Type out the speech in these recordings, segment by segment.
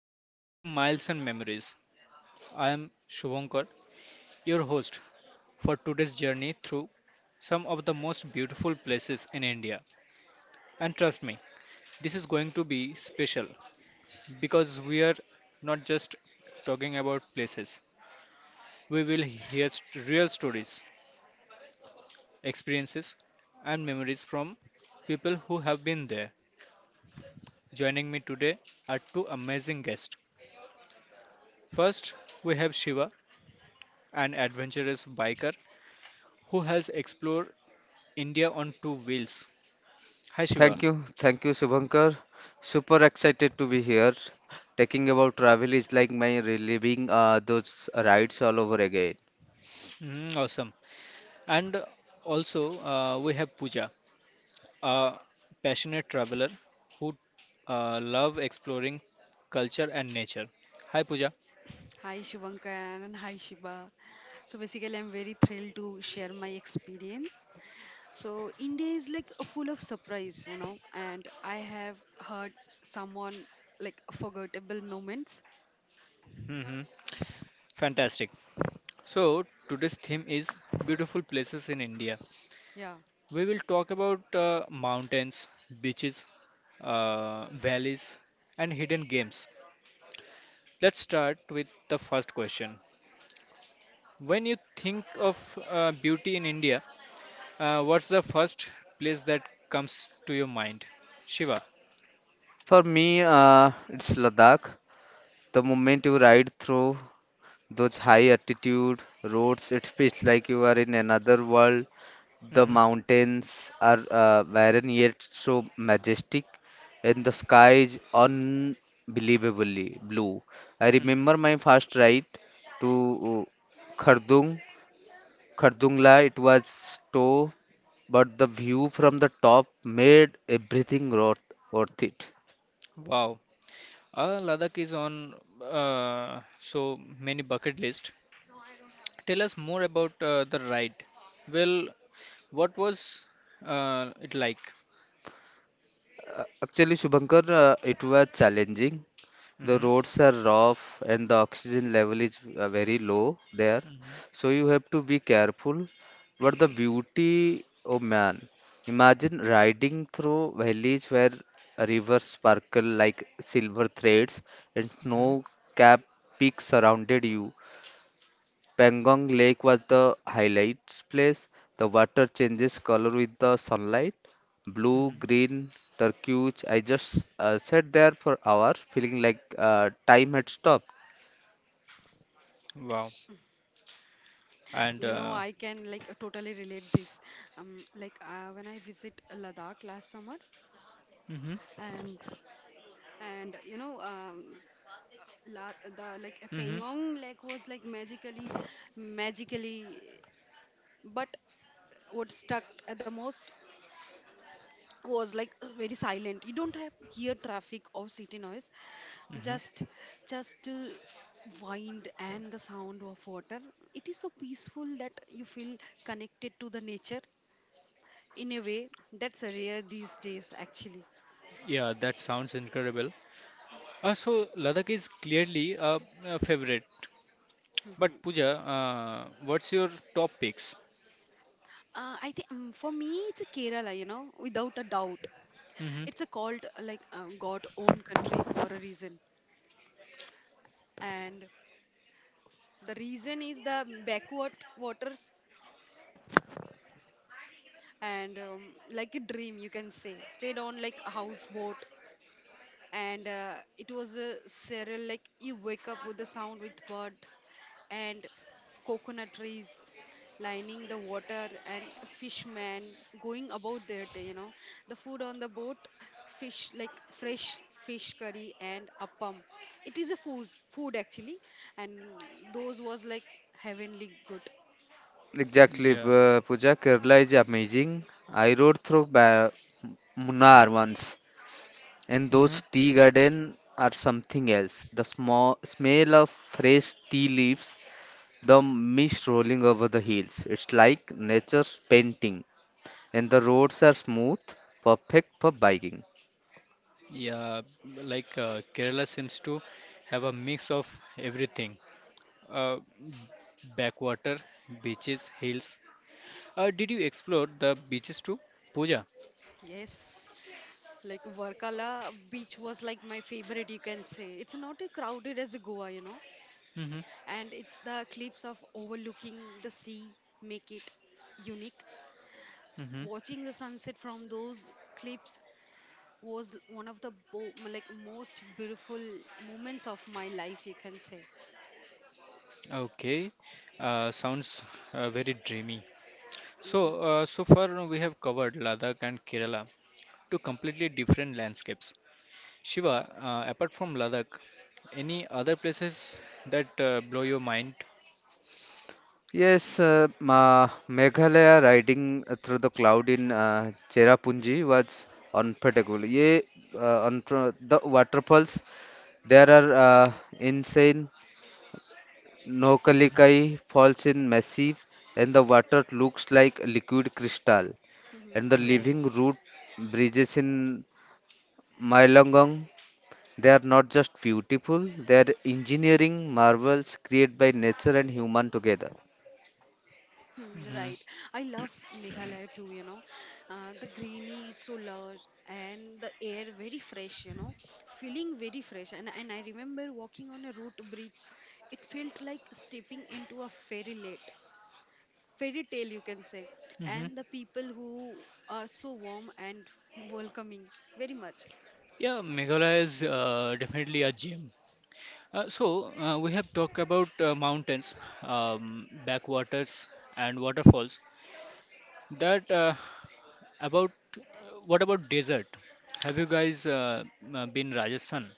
and welcome to Miles and Memories. I am Shubhankar, your host for today's journey through some of the most beautiful places in India. And trust me, this is going to be special because we are not just talking about places. We will hear real stories, experiences and memories from people who have been there. Joining me today are two amazing guests. First, we have Shiva, an adventurous biker who has explored India on two wheels. Hi, Shiva. Thank you, Subhankar. Super excited to be here. Talking about travel is like my reliving those rides all over again. Mm, awesome. And also, we have Pooja, a passionate traveler who love exploring culture and nature. Hi, Pooja. Hi Shivankar and hi Shiva. So basically, I'm very thrilled to share my experience. So India is like a full of surprise, and I have heard someone like forgettable moments. Hmm. Fantastic. So, today's theme is beautiful places in India. Yeah, We will talk about mountains, beaches, valleys, and hidden games. Let's start with the first question. When you think of beauty in India, what's the first place that comes to your mind? Shiva. For me, it's Ladakh. The moment you ride through those high altitude roads, it feels like you are in another world. The Hmm. mountains are barren yet so majestic, and the sky is unbelievably blue. I remember Hmm. my first ride to uh, Khardung, Khardungla. It was snow, but the view from the top made everything worth it. Wow. Ladakh is on so many bucket list. Tell us more about the ride. Well, what was it like? Actually, Shubhankar, it was challenging. The Hmm. roads are rough and the oxygen level is very low there. So you have to be careful. But the beauty, oh man, imagine riding through valleys where rivers sparkle like silver threads and Hmm. snow-capped peaks surrounded you. Pangong Lake was the highlights place. The water changes color with the sunlight: blue, Hmm. green, turquoise. I just sat there for hours, feeling like time had stopped. Wow. And I can like totally relate this. Like when I visit Ladakh last summer, Hmm. and and the like Hmm. Pangong like was like magically, but what stuck at the most was like very silent, you don't have hear traffic or city noise, Hmm. just just to wind and the sound of water. It is so peaceful that you feel connected to the nature in a way that's rare these days actually. Yeah, that sounds incredible. So Ladakh is clearly a favorite. But Mhm. Pooja, what's your top picks? I think for me it's a Kerala, without a doubt. Hmm. It's a called like God own country for a reason, and the reason is the backward waters and like a dream, you can say, stayed on like a houseboat. And it was a surreal like you wake up with the sound with birds and coconut trees lining the water and a fishman going about their day. The food on the boat, fish like fresh fish curry and appam. It is a food actually. And those was like heavenly good. Exactly, Yeah. Pooja, Kerala is amazing. I rode through ba Munnar once, and Hmm. those tea gardens are something else. The small smell of fresh tea leaves, the mist rolling over the hills. It's like nature's painting. And the roads are smooth, perfect for biking. Yeah. Like Kerala seems to have a mix of everything. Uh, backwater, beaches, hills. Did you explore the beaches too, Pooja? Yes, like Varkala beach was like my favorite, you can say. It's not as crowded as Goa, Hmm. and it's the cliffs of overlooking the sea make it unique. Hmm. Watching the sunset from those cliffs was one of the most beautiful moments of my life, you can say. Okay. Sounds very dreamy. It So, is. so far we have covered Ladakh and Kerala, two completely different landscapes. Shiva, apart from Ladakh, any other places that blow your mind? Yes, Ma Meghalaya, riding through the cloud in Cherrapunji was unforgettable. Yeah, the waterfalls there are insane. Mhm. Nokalikai falls in massive, and the water looks like liquid crystal. And the Mhm. living root bridges in Mylongong, they are not just beautiful, they are engineering marvels created by nature and human together. Hmm, Mhm. right. I love Meghalaya too. The greenery is so lush and the air very fresh, feeling very fresh. And I remember walking on a root bridge. It felt like stepping into a fairy tale, you can say. Mhm. And the people who are so warm and welcoming, very much. Yeah, Meghalaya is definitely a gem. So we have talked about mountains, backwaters, and waterfalls. That about uh, what about desert? Have you guys been Rajasthan?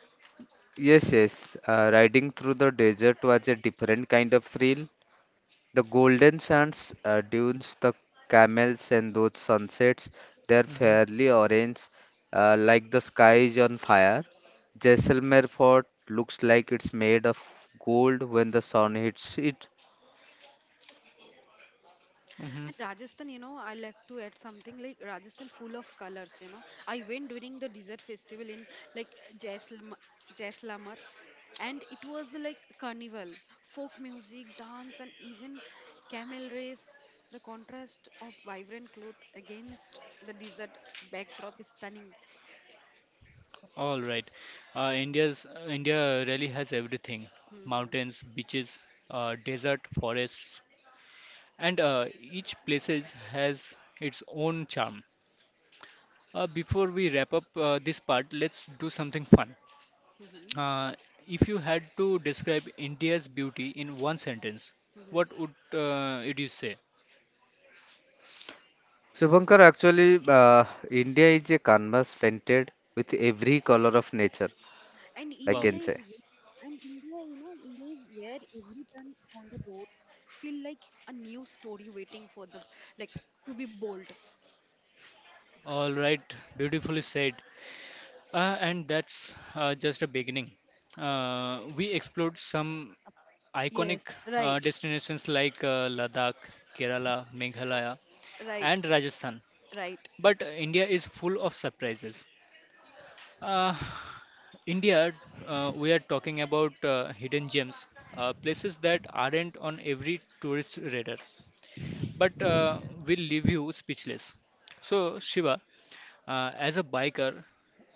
Yes, yes, riding through the desert was a different kind of thrill. The golden sands, dunes, the camels, and those sunsets, they are Mm-hmm. fairly orange, like the sky is on fire. Jaisalmer fort looks like it's made of gold when the sun hits it. And Rajasthan, I like to add something like Rajasthan full of colors. I went during the desert festival in like Jaisalmer, Jaisalmer and it was like carnival, folk music, dance, and even camel race. The contrast of vibrant cloth against the desert backdrop is stunning. All right. India really has everything: Hmm. mountains, beaches, desert, forests, and each places has its own charm. Before we wrap up this part, let's do something fun. Uh, if you had to describe India's beauty in one sentence, what Hmm. would it you say? Shubhankar, actually, India is a canvas painted with every color of nature, And I Wow. India can say. is ve- and India is where every turn on the road feel like a new story waiting for the like to be bold. All right. Beautifully said. And that's just a beginning. We explored some Yes, Iconic right, destinations like Ladakh, Kerala, Meghalaya, right, and Rajasthan. right. But India is full of surprises. Uh, India, we are talking about hidden gems, places that aren't on every tourist radar, but will leave you speechless. So, Shiva, as a biker,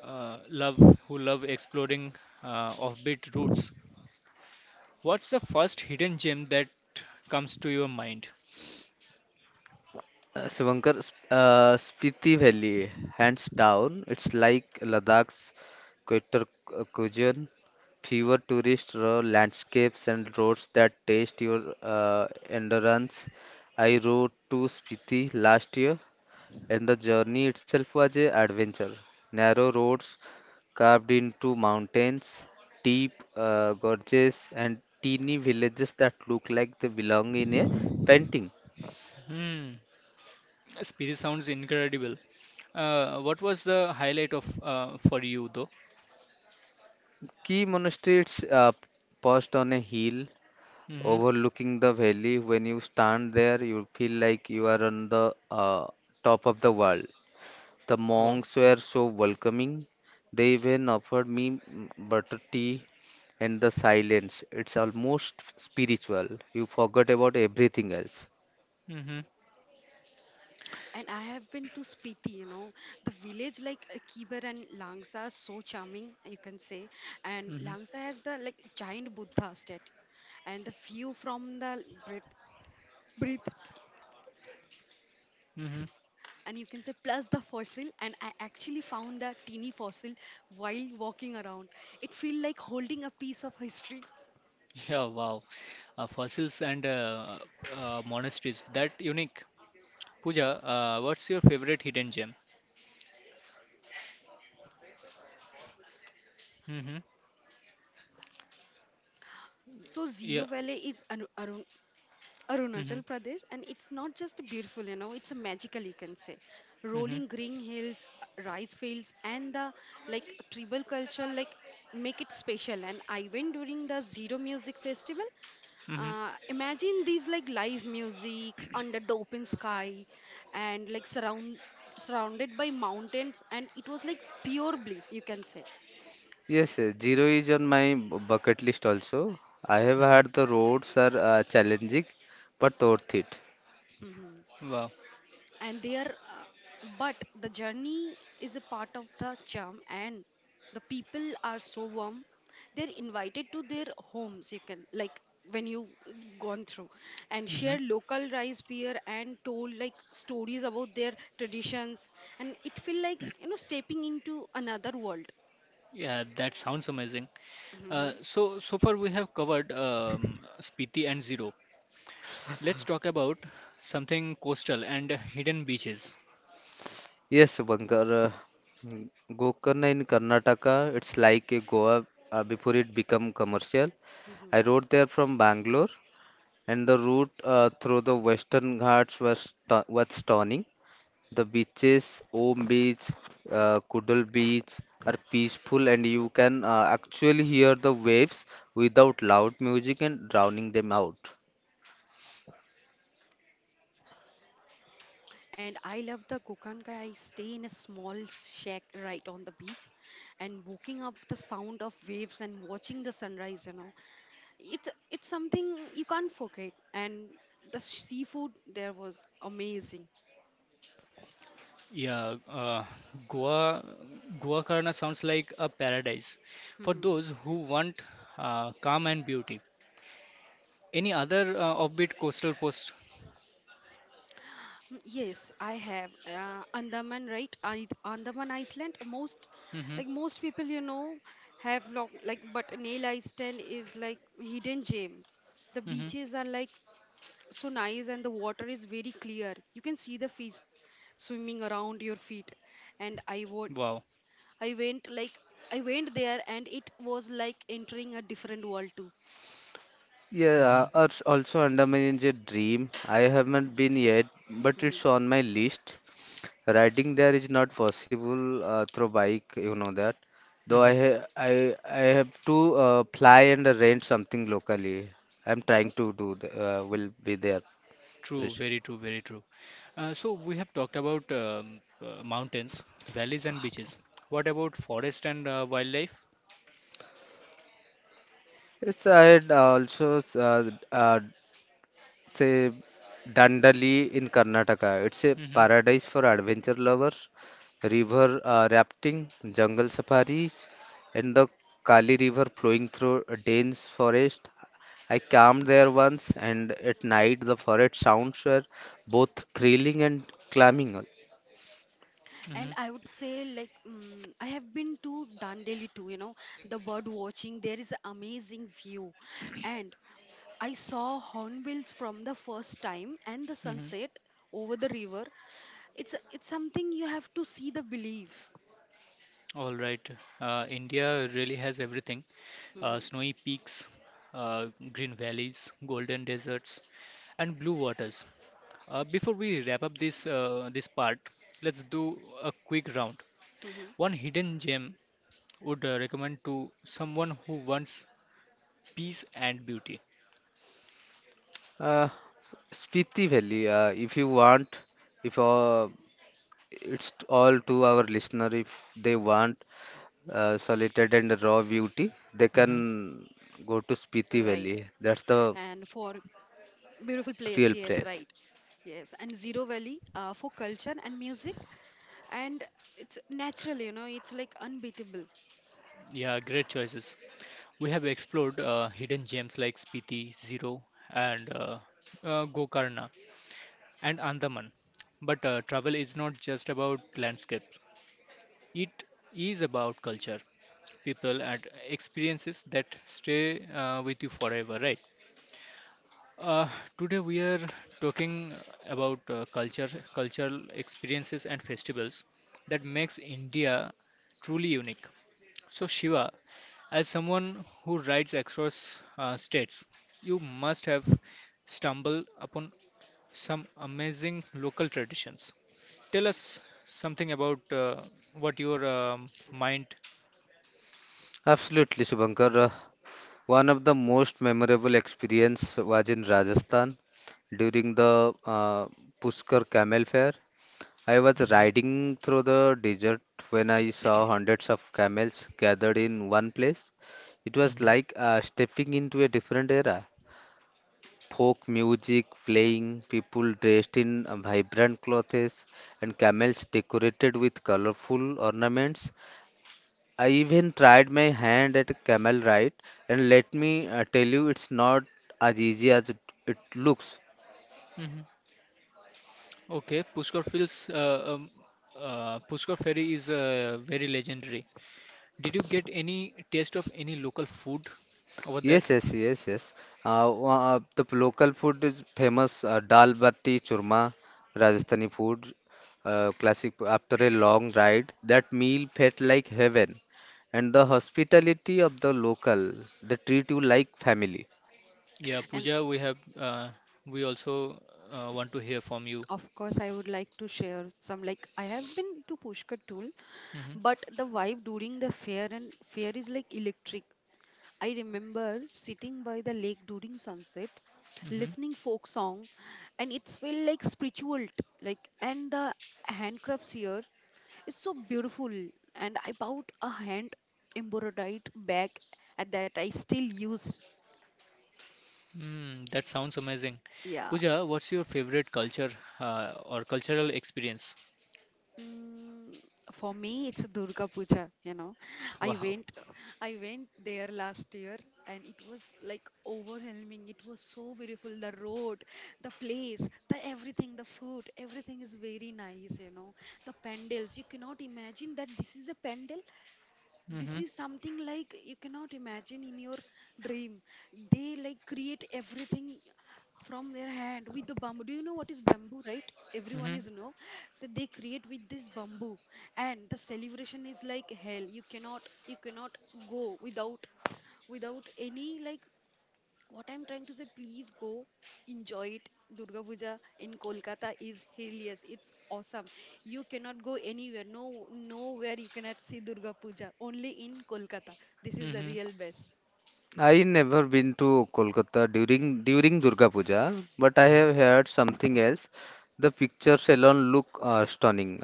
love who love exploring offbeat routes, what's the first hidden gem that comes to your mind? Shubhankar, Spiti Valley, hands down, it's like Ladakh's Kyoto cuisine, fewer tourist raw landscapes and roads that test your endurance. I rode to Spiti last year and the journey itself was a adventure. Narrow roads carved into mountains, deep gorges, and teeny villages that look like they belong in a painting. Hmm. Spirit sounds incredible. What was the highlight of for you though? Key monasteries perched on a hill Mm-hmm. overlooking the valley. When you stand there, you feel like you are on the top of the world. The Wow. monks were so welcoming. They even offered me butter tea and the silence. It's almost spiritual. You forget about everything else. Mm-hmm. And I have been to Spiti, the village like Kibar and Langsa are so charming, you can say. And Mm-hmm. Langsa has the like giant Buddha statue and the view from the breath. Mm-hmm. And you can say plus the fossil, and I actually found that teeny fossil while walking around. It feel like holding a piece of history. Yeah, wow. Fossils and monasteries. That unique. Pooja, what's your favorite hidden gem? Mm-hmm. So Zio Yeah. Valley is Arun- Arunachal Mm-hmm. Pradesh, and it's not just beautiful, it's a magical, you can say. Mm-hmm. Rolling green hills, rice fields, and the like tribal culture, like make it special. And I went during the Zero Music Festival. Mm-hmm. Imagine these like live music under the open sky, and like surrounded by mountains, and it was like pure bliss, you can say. Yes, yes, zero is on my bucket list also. I have Mm-hmm. heard the roads are challenging but worth it. Hmm. Wow. And they are but the journey is a part of the charm, and the people are so warm, they're invited to their homes, you can like when you gone through, and Mm-hmm. share local rice beer and told like stories about their traditions. And it feel like, stepping into another world. Yeah, that sounds amazing. Hmm. So so far we have covered Spiti and Zero. Let's talk about something coastal and hidden beaches. Yes, Bankar, Gokarna in Karnataka, it's like a Goa before it become commercial. Hmm. I rode there from Bangalore, and the route through the Western Ghats was stunning. The beaches, Om Beach, Kudal Beach, are peaceful, and you can actually hear the waves without loud music and drowning them out. And I love the Gokanka. I stay in a small shack right on the beach, and waking up the sound of waves and watching the sunrise. It's something you can't forget, and the seafood there was amazing. Yeah, Goa, Goakarna sounds like a paradise for Mhm. those who want calm and beauty. Any other offbeat coastal post? Mm, yes, I have andaman right I, andaman iceland most Hmm. like most people have long, like but nail iceland is like hidden gem. The Hmm. beaches are like so nice and the water is very clear, you can see the fish swimming around your feet, and Wow. i went like I went there and it was like entering a different world too. Yeah, Hmm. Also Andaman is a dream. I haven't been yet, but Mhm. it's on my list. Riding there is not possible through bike, you know that. Though I Hmm. ha I have to fly and rent something locally. I'm trying to do th will be there. True, Rish. very true, very true. So we have talked about mountains, valleys, and beaches. What about forest and wildlife? Yes, I had also uh, uh, say Dandali in Karnataka. It's a Hmm. paradise for adventure lovers. River rafting, jungle safaris, and the Kali River flowing through a dense forest. I camped there once, and at night the forest sounds were both thrilling and climbing. And Hmm. I would say, like, mm I have been to Dandeli too, the bird watching. There is an amazing view. And I saw hornbills from the first time and the Hmm. sunset over the river. It's something you have to see the belief. All right. India really has everything. Hmm. Snowy peaks, uh, green valleys, golden deserts, and blue waters. Before we wrap up this part, let's do a quick round. Hmm. One hidden gem would recommend to someone who wants peace and beauty. Uh, Spiti Valley, if you want, if it's all to our listener, if they want solitude and raw beauty, they Hmm. can go to Spiti Right. Valley. That's the And for beautiful place, real yes, right. place. Yes, and Zero Valley for culture and music, and it's natural, it's like unbeatable. Yeah, great choices. We have explored hidden gems like Spiti, Zero, and Gokarna, and Andaman. But travel is not just about landscape, it is about culture, people, and experiences that stay with you forever, right? Uh, today we are talking about cultural experiences and festivals that makes India truly unique. So Shiva, as someone who rides across states, you must have stumbled upon some amazing local traditions. Tell us something about what your mind. Absolutely, Shubhankar. One of the most memorable experience was in Rajasthan during the Pushkar Camel Fair. I was Hmm. riding through the desert when I saw hundreds of camels gathered in one place. It was Hmm. like stepping into a different era. Folk music playing, people dressed in vibrant clothes, and camels decorated with colorful ornaments. I even tried my hand at a camel ride, and let me tell you, it's not as easy as it looks. Hmm. Okay, Pushkar Ferry is very legendary. Did you get any taste of any local food over there? Yes, yes, yes, yes. Local food is famous dal bati churma, Rajasthani food, classic after a long ride. That meal felt like heaven, and the hospitality of the local, they treat you like family. Yeah, And Pooja, we have we also want to hear from you. of course, I would like to share some. Like I have been to Pushkar Tool, Mm-hmm. but the vibe during the fair is like electric. I remember sitting by the lake during sunset, Mm-hmm. listening folk song, and it's felt like spiritual. And the handcrafts here is so beautiful. And I bought a hand embroidered bag at that I still use. Mm, that sounds amazing. Yeah. Pooja, what's your favorite culture or cultural experience? Mm, for me, it's Durga Puja. I Wow. went I went there last year and it was like overwhelming. It was so beautiful. The road, the place, the everything, the food, everything is very nice. The pandals, you cannot imagine that this is a pandal. This Mm-hmm. is something like you cannot imagine in your dream. They like create everything from their hand with the bamboo. Do you know what is bamboo, right? Everyone Mm-hmm. is know. So they create with this bamboo, and the celebration is like hell. You cannot go without any like. What I'm trying to say, please go enjoy it. Durga Puja in Kolkata is hilarious. It's awesome. You cannot go anywhere. No, nowhere you cannot see Durga Puja. Only in Kolkata. This is the Mm-hmm. real best. I never been to Kolkata during Durga Puja, but I have heard something else. The picture salon look stunning.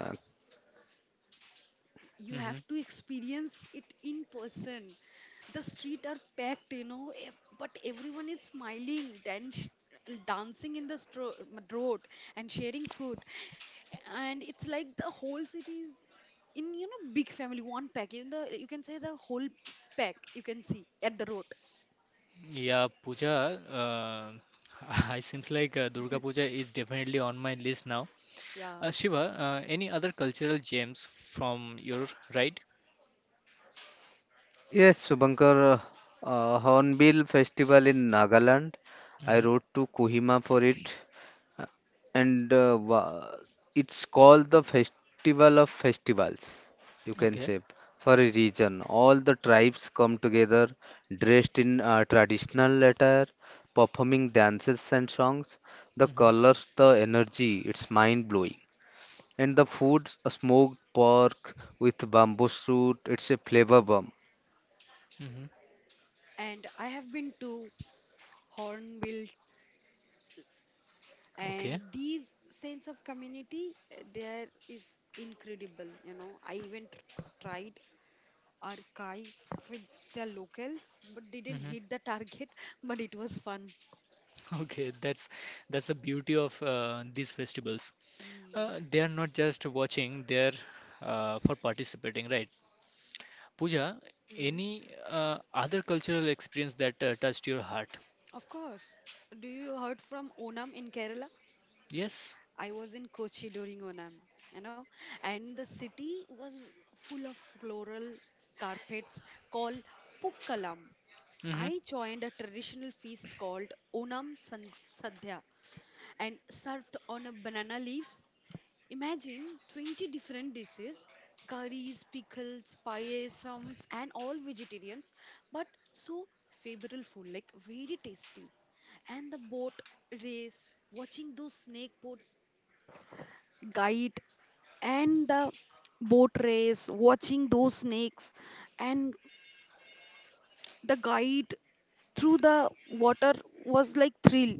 You Mm-hmm. have to experience it in person. The street are packed, but everyone is smiling, dancing in the road and sharing food, and it's like the whole city is in, big family one pack in the, you can say, the whole pack you can see at the road. Yeah, Pooja, it seems like Durga Puja is definitely on my list now. Yeah, Shiva, any other cultural gems from your right? Yes, Subankar, Hornbill Festival in Nagaland. I Hmm. rode to Kohima for it, uh, and uh, wa- it's called the Festival of Festivals, you can Okay. say, for a reason. All the tribes come together dressed in traditional attire, performing dances and songs. The Hmm. colors, the energy, it's mind-blowing. And the food, a smoked pork with bamboo shoot, it's a flavor bomb. Hmm. and I have been to Hornbill, and Okay. these sense of community there is incredible, I even tried archive with the locals, but didn't Hmm. hit the target. But it was fun. Okay. That's the beauty of these festivals. Mm. They are not just watching; they're for participating, right? Pooja, Hmm. any other cultural experience that touched your heart? Of course. Do you heard from Onam in Kerala? Yes. I was in Kochi during Onam, you know, and the city was full of floral carpets called Pukkalam. Hmm. I joined a traditional feast called Onam Sadhya and served on a banana leaves. Imagine 20 different dishes: curries, pickles, payasams, and all vegetarians, but so favorable food, like very tasty. And the boat race, watching those snake boats guide, and the boat race, watching those snakes, and the guide through the water was like thrill.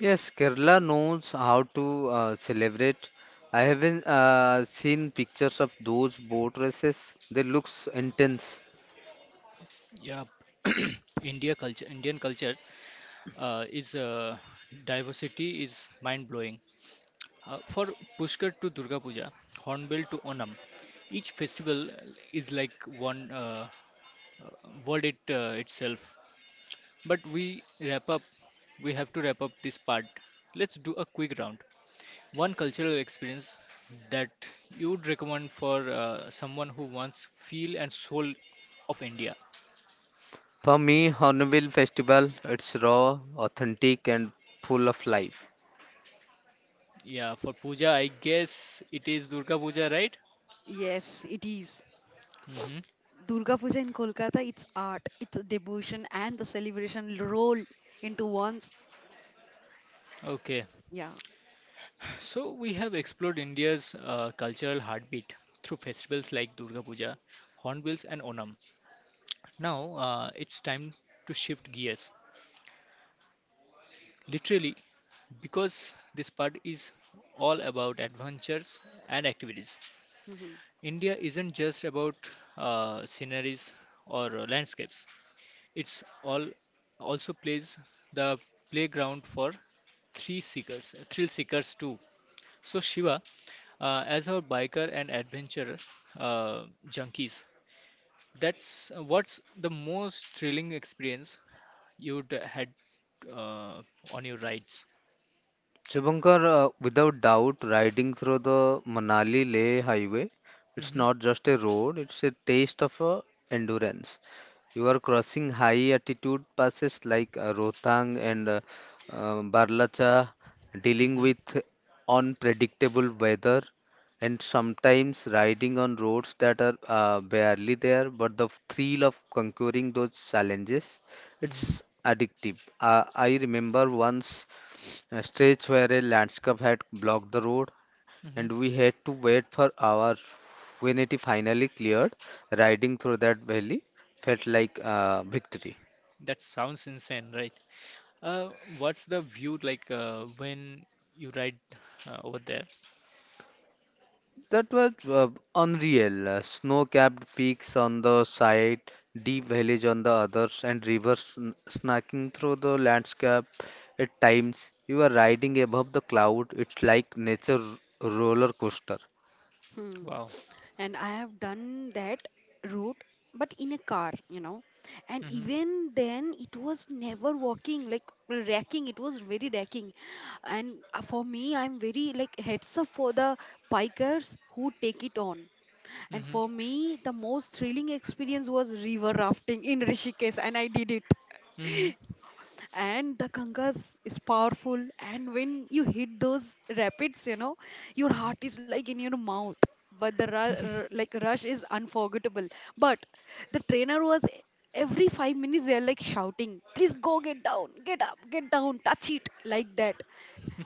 Yes, Kerala knows how to celebrate. I haven't seen pictures of those boat races. They looks intense. Yeah, Indian cultures is diversity is mind-blowing. For Pushkar to Durga Puja, Hornbill to Onam, each festival is like one uh, itself. But we wrap up. We have to wrap up this part. Let's do a quick round. One cultural experience that you'd recommend for someone who wants feel and soul of India. For me, Hornbill Festival, it's raw, authentic, and full of life. Yeah, for puja, I guess it is Durga Puja, right? Yes, it is. Hmm. Durga Puja in Kolkata, it's art, it's devotion, and the celebration roll into one's. Okay. Yeah. So we have explored India's cultural heartbeat through festivals like Durga Puja, Hornbills, and Onam. Now it's time to shift gears, literally, because this part is all about adventures and activities. Hmm. India isn't just about sceneries or landscapes. It's all also plays the playground for thrill seekers too. So Shiva, as our biker and adventurer junkies, that's what's the most thrilling experience you'd had uh, on your rides. Shubhankar, without doubt, riding through the Manali Leh highway, it's Hmm. not just a road, it's a taste of endurance. You are crossing high altitude passes like Rohtang and Barlacha, dealing Hmm. with unpredictable weather, and sometimes riding on roads that are barely there. But the thrill of conquering those challenges, Hmm. it's addictive. I remember once a stretch where a landscape had blocked the road, Hmm. and we had to wait for hours. When it finally cleared, riding through that valley felt like a victory. That sounds insane, right? Uh, what's the view like when you ride over there? That was unreal. Snow-capped peaks on the side, deep valleys on the others, and rivers snacking through the landscape. At times, you are riding above the cloud. It's like nature roller coaster. Hmm. Wow. And I have done that route, but in a car. And Hmm. even then, it was never walking, like racking. It was very racking. And for me, I'm very like heads up for the bikers who take it on. And Hmm. for me, the most thrilling experience was river rafting in Rishikesh, and I did Hmm. it. And the kangas is powerful, and when you hit those rapids, your heart is like in your mouth, but the Hmm. Rush is unforgettable. But the trainer was every 5 minutes they're like shouting, please go get down, get up, get down, touch it, like that.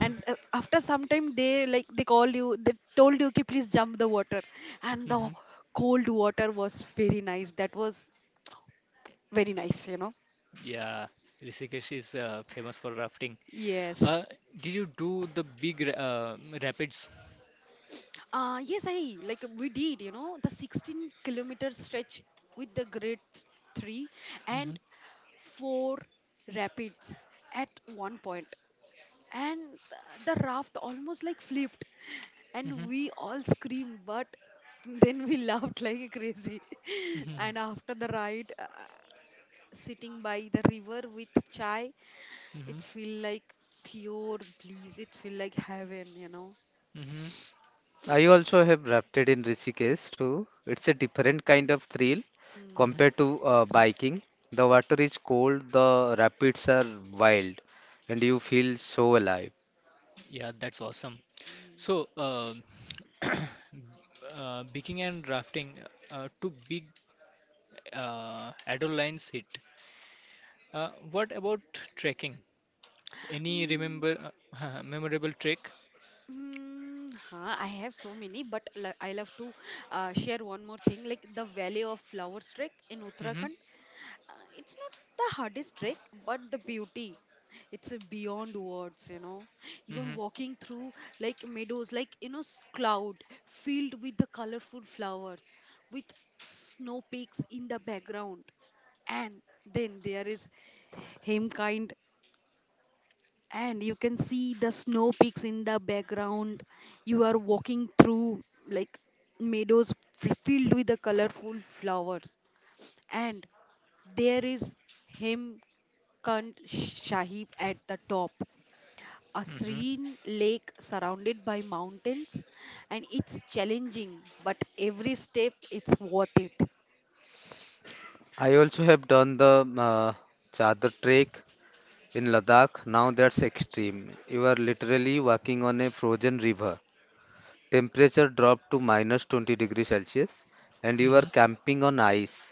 And after some time they like they called you they told you okay please jump the water, and the Hmm. cold water was very nice, that was very nice. Yeah, Rishikesh is famous for rafting. yes. Uh, did you do the big rapids? Yes, I like we did, the 16-kilometer stretch with the grade three Mm-hmm. and four rapids at one point, and the raft almost like flipped, Mm-hmm. and we all screamed, but then we laughed like crazy. Mm-hmm. And after the ride, sitting by the river with chai, Mm-hmm. it feel like pure bliss, it feel like heaven. Mm-hmm. I also have rafted in Rishikesh too. It's a different kind of thrill Mm-hmm. Mm. compared to biking. The water is cold, the rapids are wild, and you feel so alive. Yeah, that's awesome. So, biking and rafting, two big adolescence hit. What about trekking? Any Mm. remember memorable trek? Mm, huh, I have so many, but I love to share one more thing like the Valley of Flowers trek in Mm-hmm. Uttarakhand. It's not the hardest trek, but the beauty. It's beyond words, you know. You are Mm-hmm. walking through like meadows, like, cloud filled with the colorful flowers, with snow peaks in the background. And then there is Himkind, and you can see the snow peaks in the background, you are walking through like meadows filled with the colorful flowers, and there is himkant sahib at the top, a Mm-hmm. serene lake surrounded by mountains. And it's challenging but every step it's worth it. I also have done the Chadar trek in Ladakh. Now that's extreme. You are literally walking on a frozen river. Temperature dropped to minus 20 degrees Celsius, and you are Mm-hmm. camping on ice.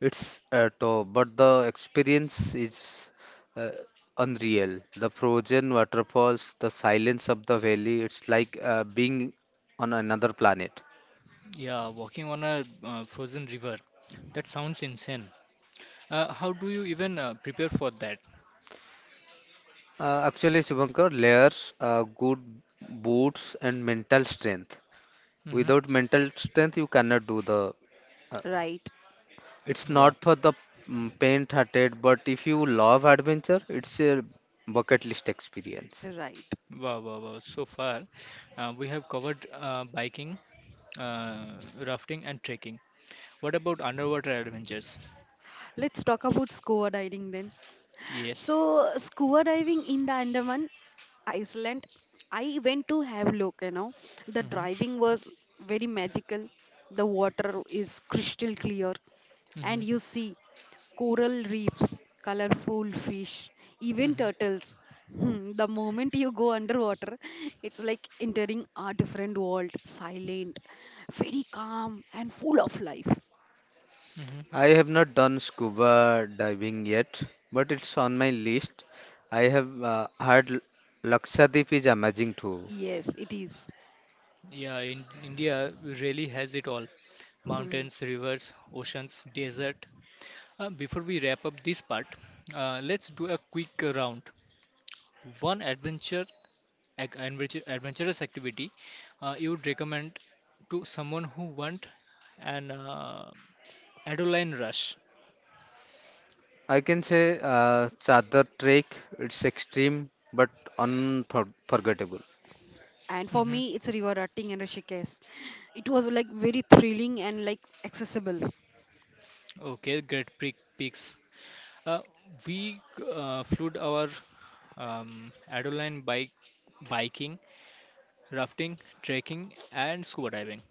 It's top, but the experience is uh, unreal. The frozen waterfalls, the silence of the valley, it's like being on another planet. Yeah, walking on a frozen river. That sounds insane. How do you even prepare for that? Actually, Shivankar, layers, good boots, and mental strength. Mm-hmm. Without mental strength, you cannot do the. Uh, Right. it's Wow. not for the faint-hearted, but if you love adventure, it's a bucket list experience. Right. Wow, wow, wow. So far, we have covered biking, uh, rafting, and trekking. What about underwater adventures? Let's talk about scuba diving then. So Yes. scuba diving in the Andaman, Iceland, I went to have look, The Mm-hmm. driving was very magical. The water is crystal clear Mm-hmm. and you see coral reefs, colorful fish, even Mm-hmm. turtles. Hmm, the moment you go underwater, it's like entering a different world, silent, very calm, and full of life. Mm-hmm. I have not done scuba diving yet, but it's on my list. I have heard Lakshadweep is amazing too. Yes, it is. Yeah, in India really has it all. Hmm. Mountains, rivers, oceans, desert. Before we wrap up this part, let's do a quick round. One adventure adventurous activity you would recommend to someone who want an adrenaline rush? I can say Chadar Trek, it's extreme but unforgettable. And for Hmm. me, it's river rafting and Rishikesh. It was like very thrilling and like accessible. Okay, great picks. Uh, we flew our adrenaline biking, rafting, trekking, and scuba diving.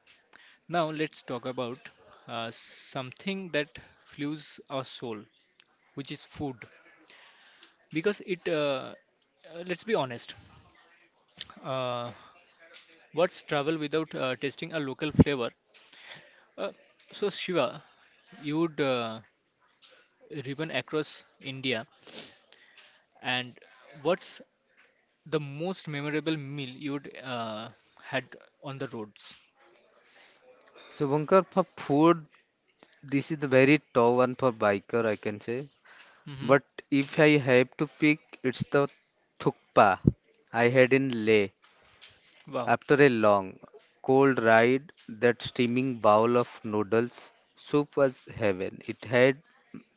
Now let's talk about something that fuels our soul, which is food, because it. Let's be honest. Uh, what's travel without tasting a local flavor? Uh, so Shiva, you'd driven across India, and what's the most memorable meal you'd had on the roads? So, Bunker, for food, this is the very tough one for biker, I can say. Hmm. But if I have to pick, it's the thukpa I had in Leh. Wow. After a long, cold ride, that steaming bowl of noodles soup was heaven. It had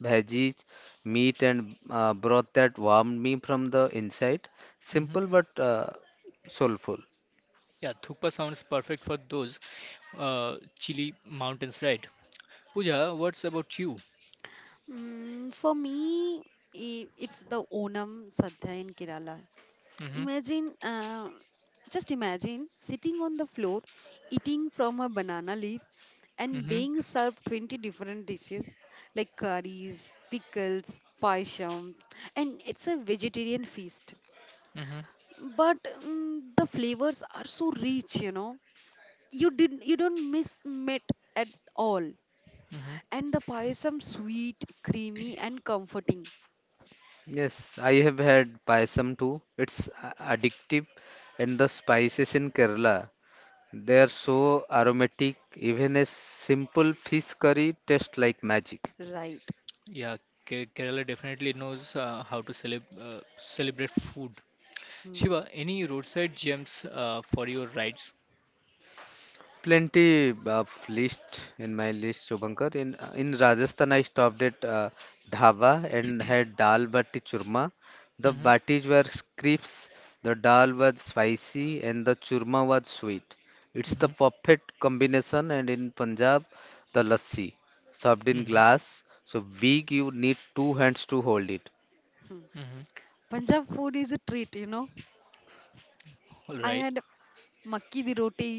veggies, meat, and broth that warmed me from the inside. Hmm. Simple but soulful. Yeah, thukpa sounds perfect for those chilly mountains, right? Pooja, what's about you? Mm, for me, it's the Onam Sadhya in Kerala. Hmm. Imagine, just imagine sitting on the floor, eating from a banana leaf, and Hmm. being served 20 different dishes like curries, pickles, paisham, and it's a vegetarian feast. Hmm. But the flavors are so rich, you know. You don't miss meat at all. Hmm. And the payasam sweet, creamy, and comforting. Yes, I have had payasam too. It's addictive, and the spices in Kerala, they are so aromatic. Even a simple fish curry tastes like magic. Right. Yeah, Kerala definitely knows how to celebrate food. Hmm. Shiva, any roadside gems for your rides? Plenty of list in my list, Shubhankar. In Rajasthan, I stopped at dhaba and had dal bati churma. The Mm-hmm. batis were crisps, the dal was spicy, and the churma was sweet. It's Mm-hmm. the perfect combination. And in Punjab, the lassi, served in Mm-hmm. glass, so big you need two hands to hold it. Hmm. Mm-hmm. Punjab food is a treat. All I right. had makki di roti,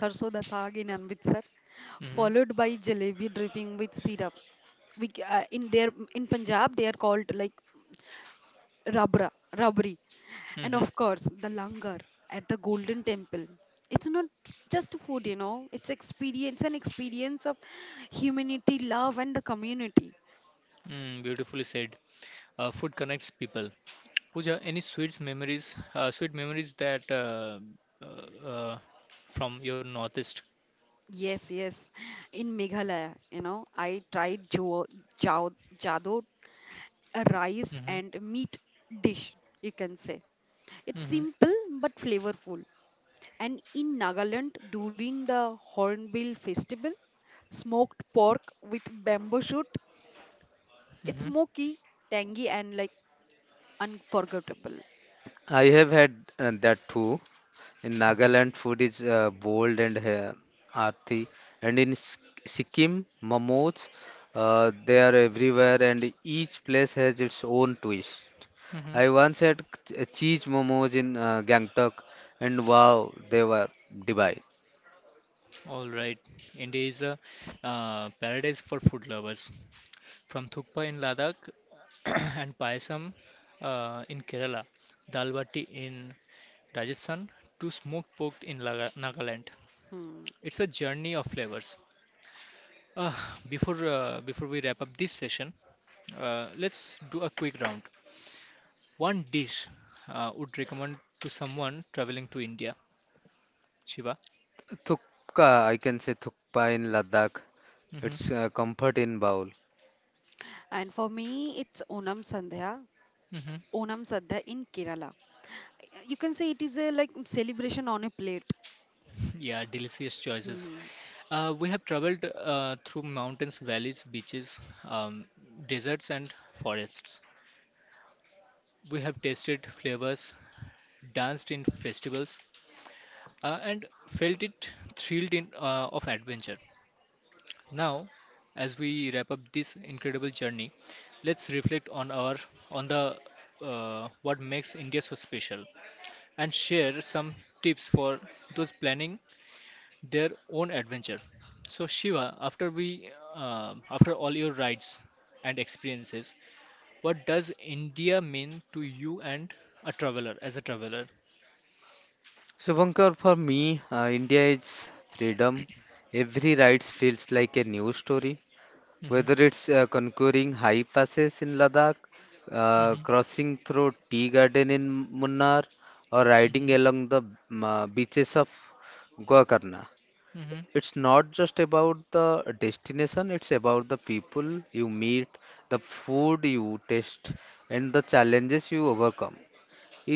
sarso da saag in Amritsar, Mm-hmm. followed by jalebi dripping with syrup. We, in their in Punjab they are called like rabra rabri And Mm-hmm. of course, the langar at the Golden Temple. It's not just food, it's experience an experience of humanity, love, and the community. Mm, beautifully said. Food connects people. Pooja, any sweets memories? Sweet memories that uh, uh, from your northeast? Yes, yes. In Meghalaya, I tried jadot, a rice Mm-hmm. and meat dish, you can say. It's Mm-hmm. simple but flavorful. And in Nagaland, during the Hornbill Festival, smoked pork with bamboo shoot. It's Mm-hmm. smoky, tangy, and like unforgettable. I have had that too. In Mm-hmm. Nagaland, food is bold and earthy, and in Sikkim, momos, they are everywhere, and each place has its own twist. Mm-hmm. I once had cheese momos in Gangtok, and wow, they were divine. All right. India is a paradise for food lovers, from Thukpa in Ladakh and Payasam in Kerala, Dalbati in Rajasthan to smoked pork in Nagaland. Hmm. It's a journey of flavors. Uh, before we wrap up this session, let's do a quick round. One dish would recommend to someone traveling to India. Shiva. Thukpa, I can say thukpa in Ladakh. Hmm. It's comfort in bowl. And for me, it's Onam Sandhya. Hmm. Onam Sandhya in Kerala. You can say it is a like celebration on a plate. Yeah, delicious choices. Hmm. We have traveled through mountains, valleys, beaches, um, deserts, and forests. We have tasted flavors, danced in festivals, and felt it thrilled in of adventure. Now, as we wrap up this incredible journey, let's reflect on the what makes India so special and share some tips for those planning their own adventure. So Shiva, after all your rides and experiences, what does India mean to you and a traveler? Shubhankar, for me, India is freedom. Every ride feels like a new story. Mm-hmm. Whether it's conquering high passes in Ladakh, Mm-hmm. crossing through tea garden in Munnar, or riding Mm-hmm. along the beaches of Gokarna, Mm-hmm. it's not just about the destination, it's about the people you meet, the food you taste, and the challenges you overcome.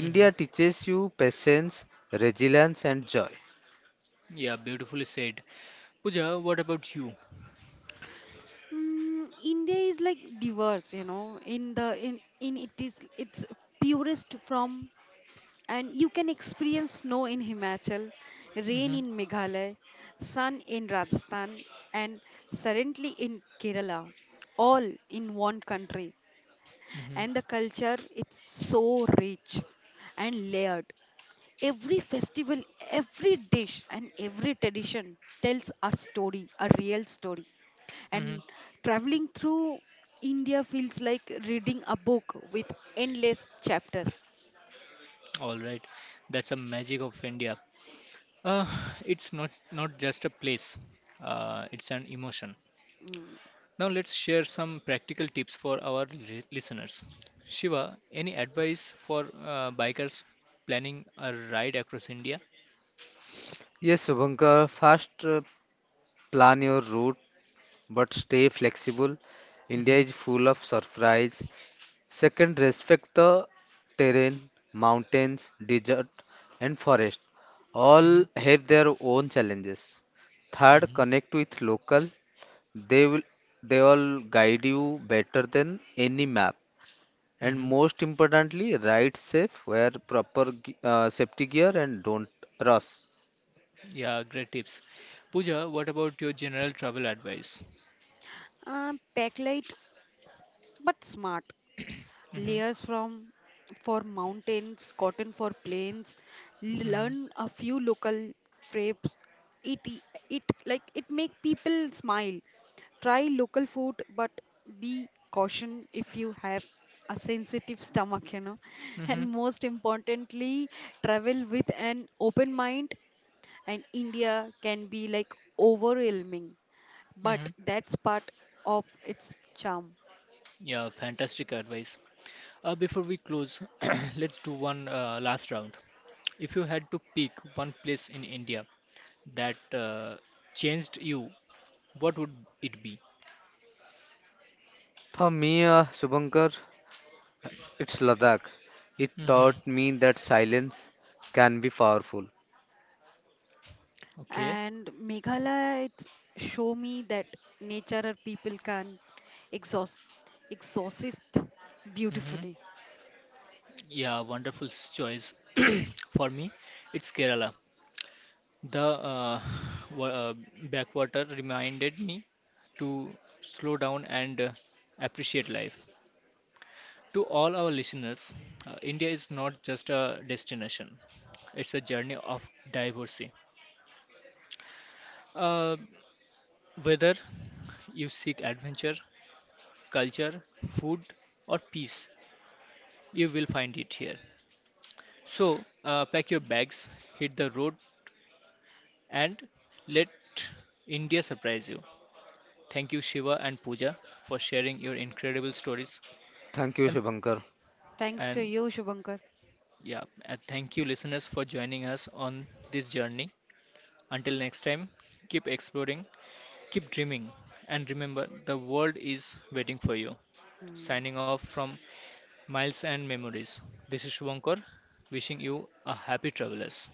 Mm-hmm. teaches you patience, resilience, and joy. Yeah, beautifully said. Pooja, what about you? Mm, India is like diverse. In the in it is it's purest from, and you can experience snow in Himachal, rain Mm-hmm. in Meghalaya, sun in Rajasthan, and suddenly in Kerala, all in one country. Mm-hmm. And the culture, it's so rich and layered. Every festival, every dish, and every tradition tells a story, a real story. And Mm-hmm. traveling through India feels like reading a book with endless chapter. All right. That's a magic of India. Uh, it's not just a place. It's an emotion. Mm. Now let's share some practical tips for our listeners. Shiva, any advice for bikers planning a ride across India? Yes, Subhankar, first plan your route but stay flexible. India Mm-hmm. is full of surprise. Second, respect the terrain, mountains, desert, and forest. Mm-hmm. All have their own challenges. Third, Mm-hmm. connect with local. They will they all guide you better than any map. And Mm-hmm. most importantly, ride safe, wear proper safety gear, and don't rush. Yeah, great tips. Pooja, what about your general travel advice? Backlight but smart, Mhm. layers from for mountains, cotton for plains. Mhm. Learn a few local crepes. It it like it make people smile. Try local food, but be caution if you have a sensitive stomach. Mhm. And most importantly, travel with an open mind. And India can be like overwhelming, but Mhm. that's part of its charm. Yeah, fantastic advice. Before we close, let's do one last round. If you had to pick one place in India that changed you, what would it be? For me, Shubhankar, it's Ladakh. It Mm-hmm. taught me that silence can be powerful. Okay. And Meghalaya, it's show me that nature or people can exhaust, exhaust it Mm-hmm. beautifully. Yeah, wonderful choice. For me, it's Kerala. The wa- uh, backwater reminded me to slow down and appreciate life. To all our listeners, India is not just a destination, it's a journey of diversity. Uh, whether you seek adventure, culture, food, or peace, you will find it here. So, pack your bags, hit the road, and let India surprise you. Thank you, Shiva and Pooja, for sharing your incredible stories. Thank you, And, Shubhankar. Thanks to and you, Shubhankar. yeah, and thank you, listeners, for joining us on this journey. Until next time, keep exploring, keep dreaming, and remember the world is waiting for you. Hmm. Signing off from Miles and Memories. This is Shubhankar, wishing you a happy travelers.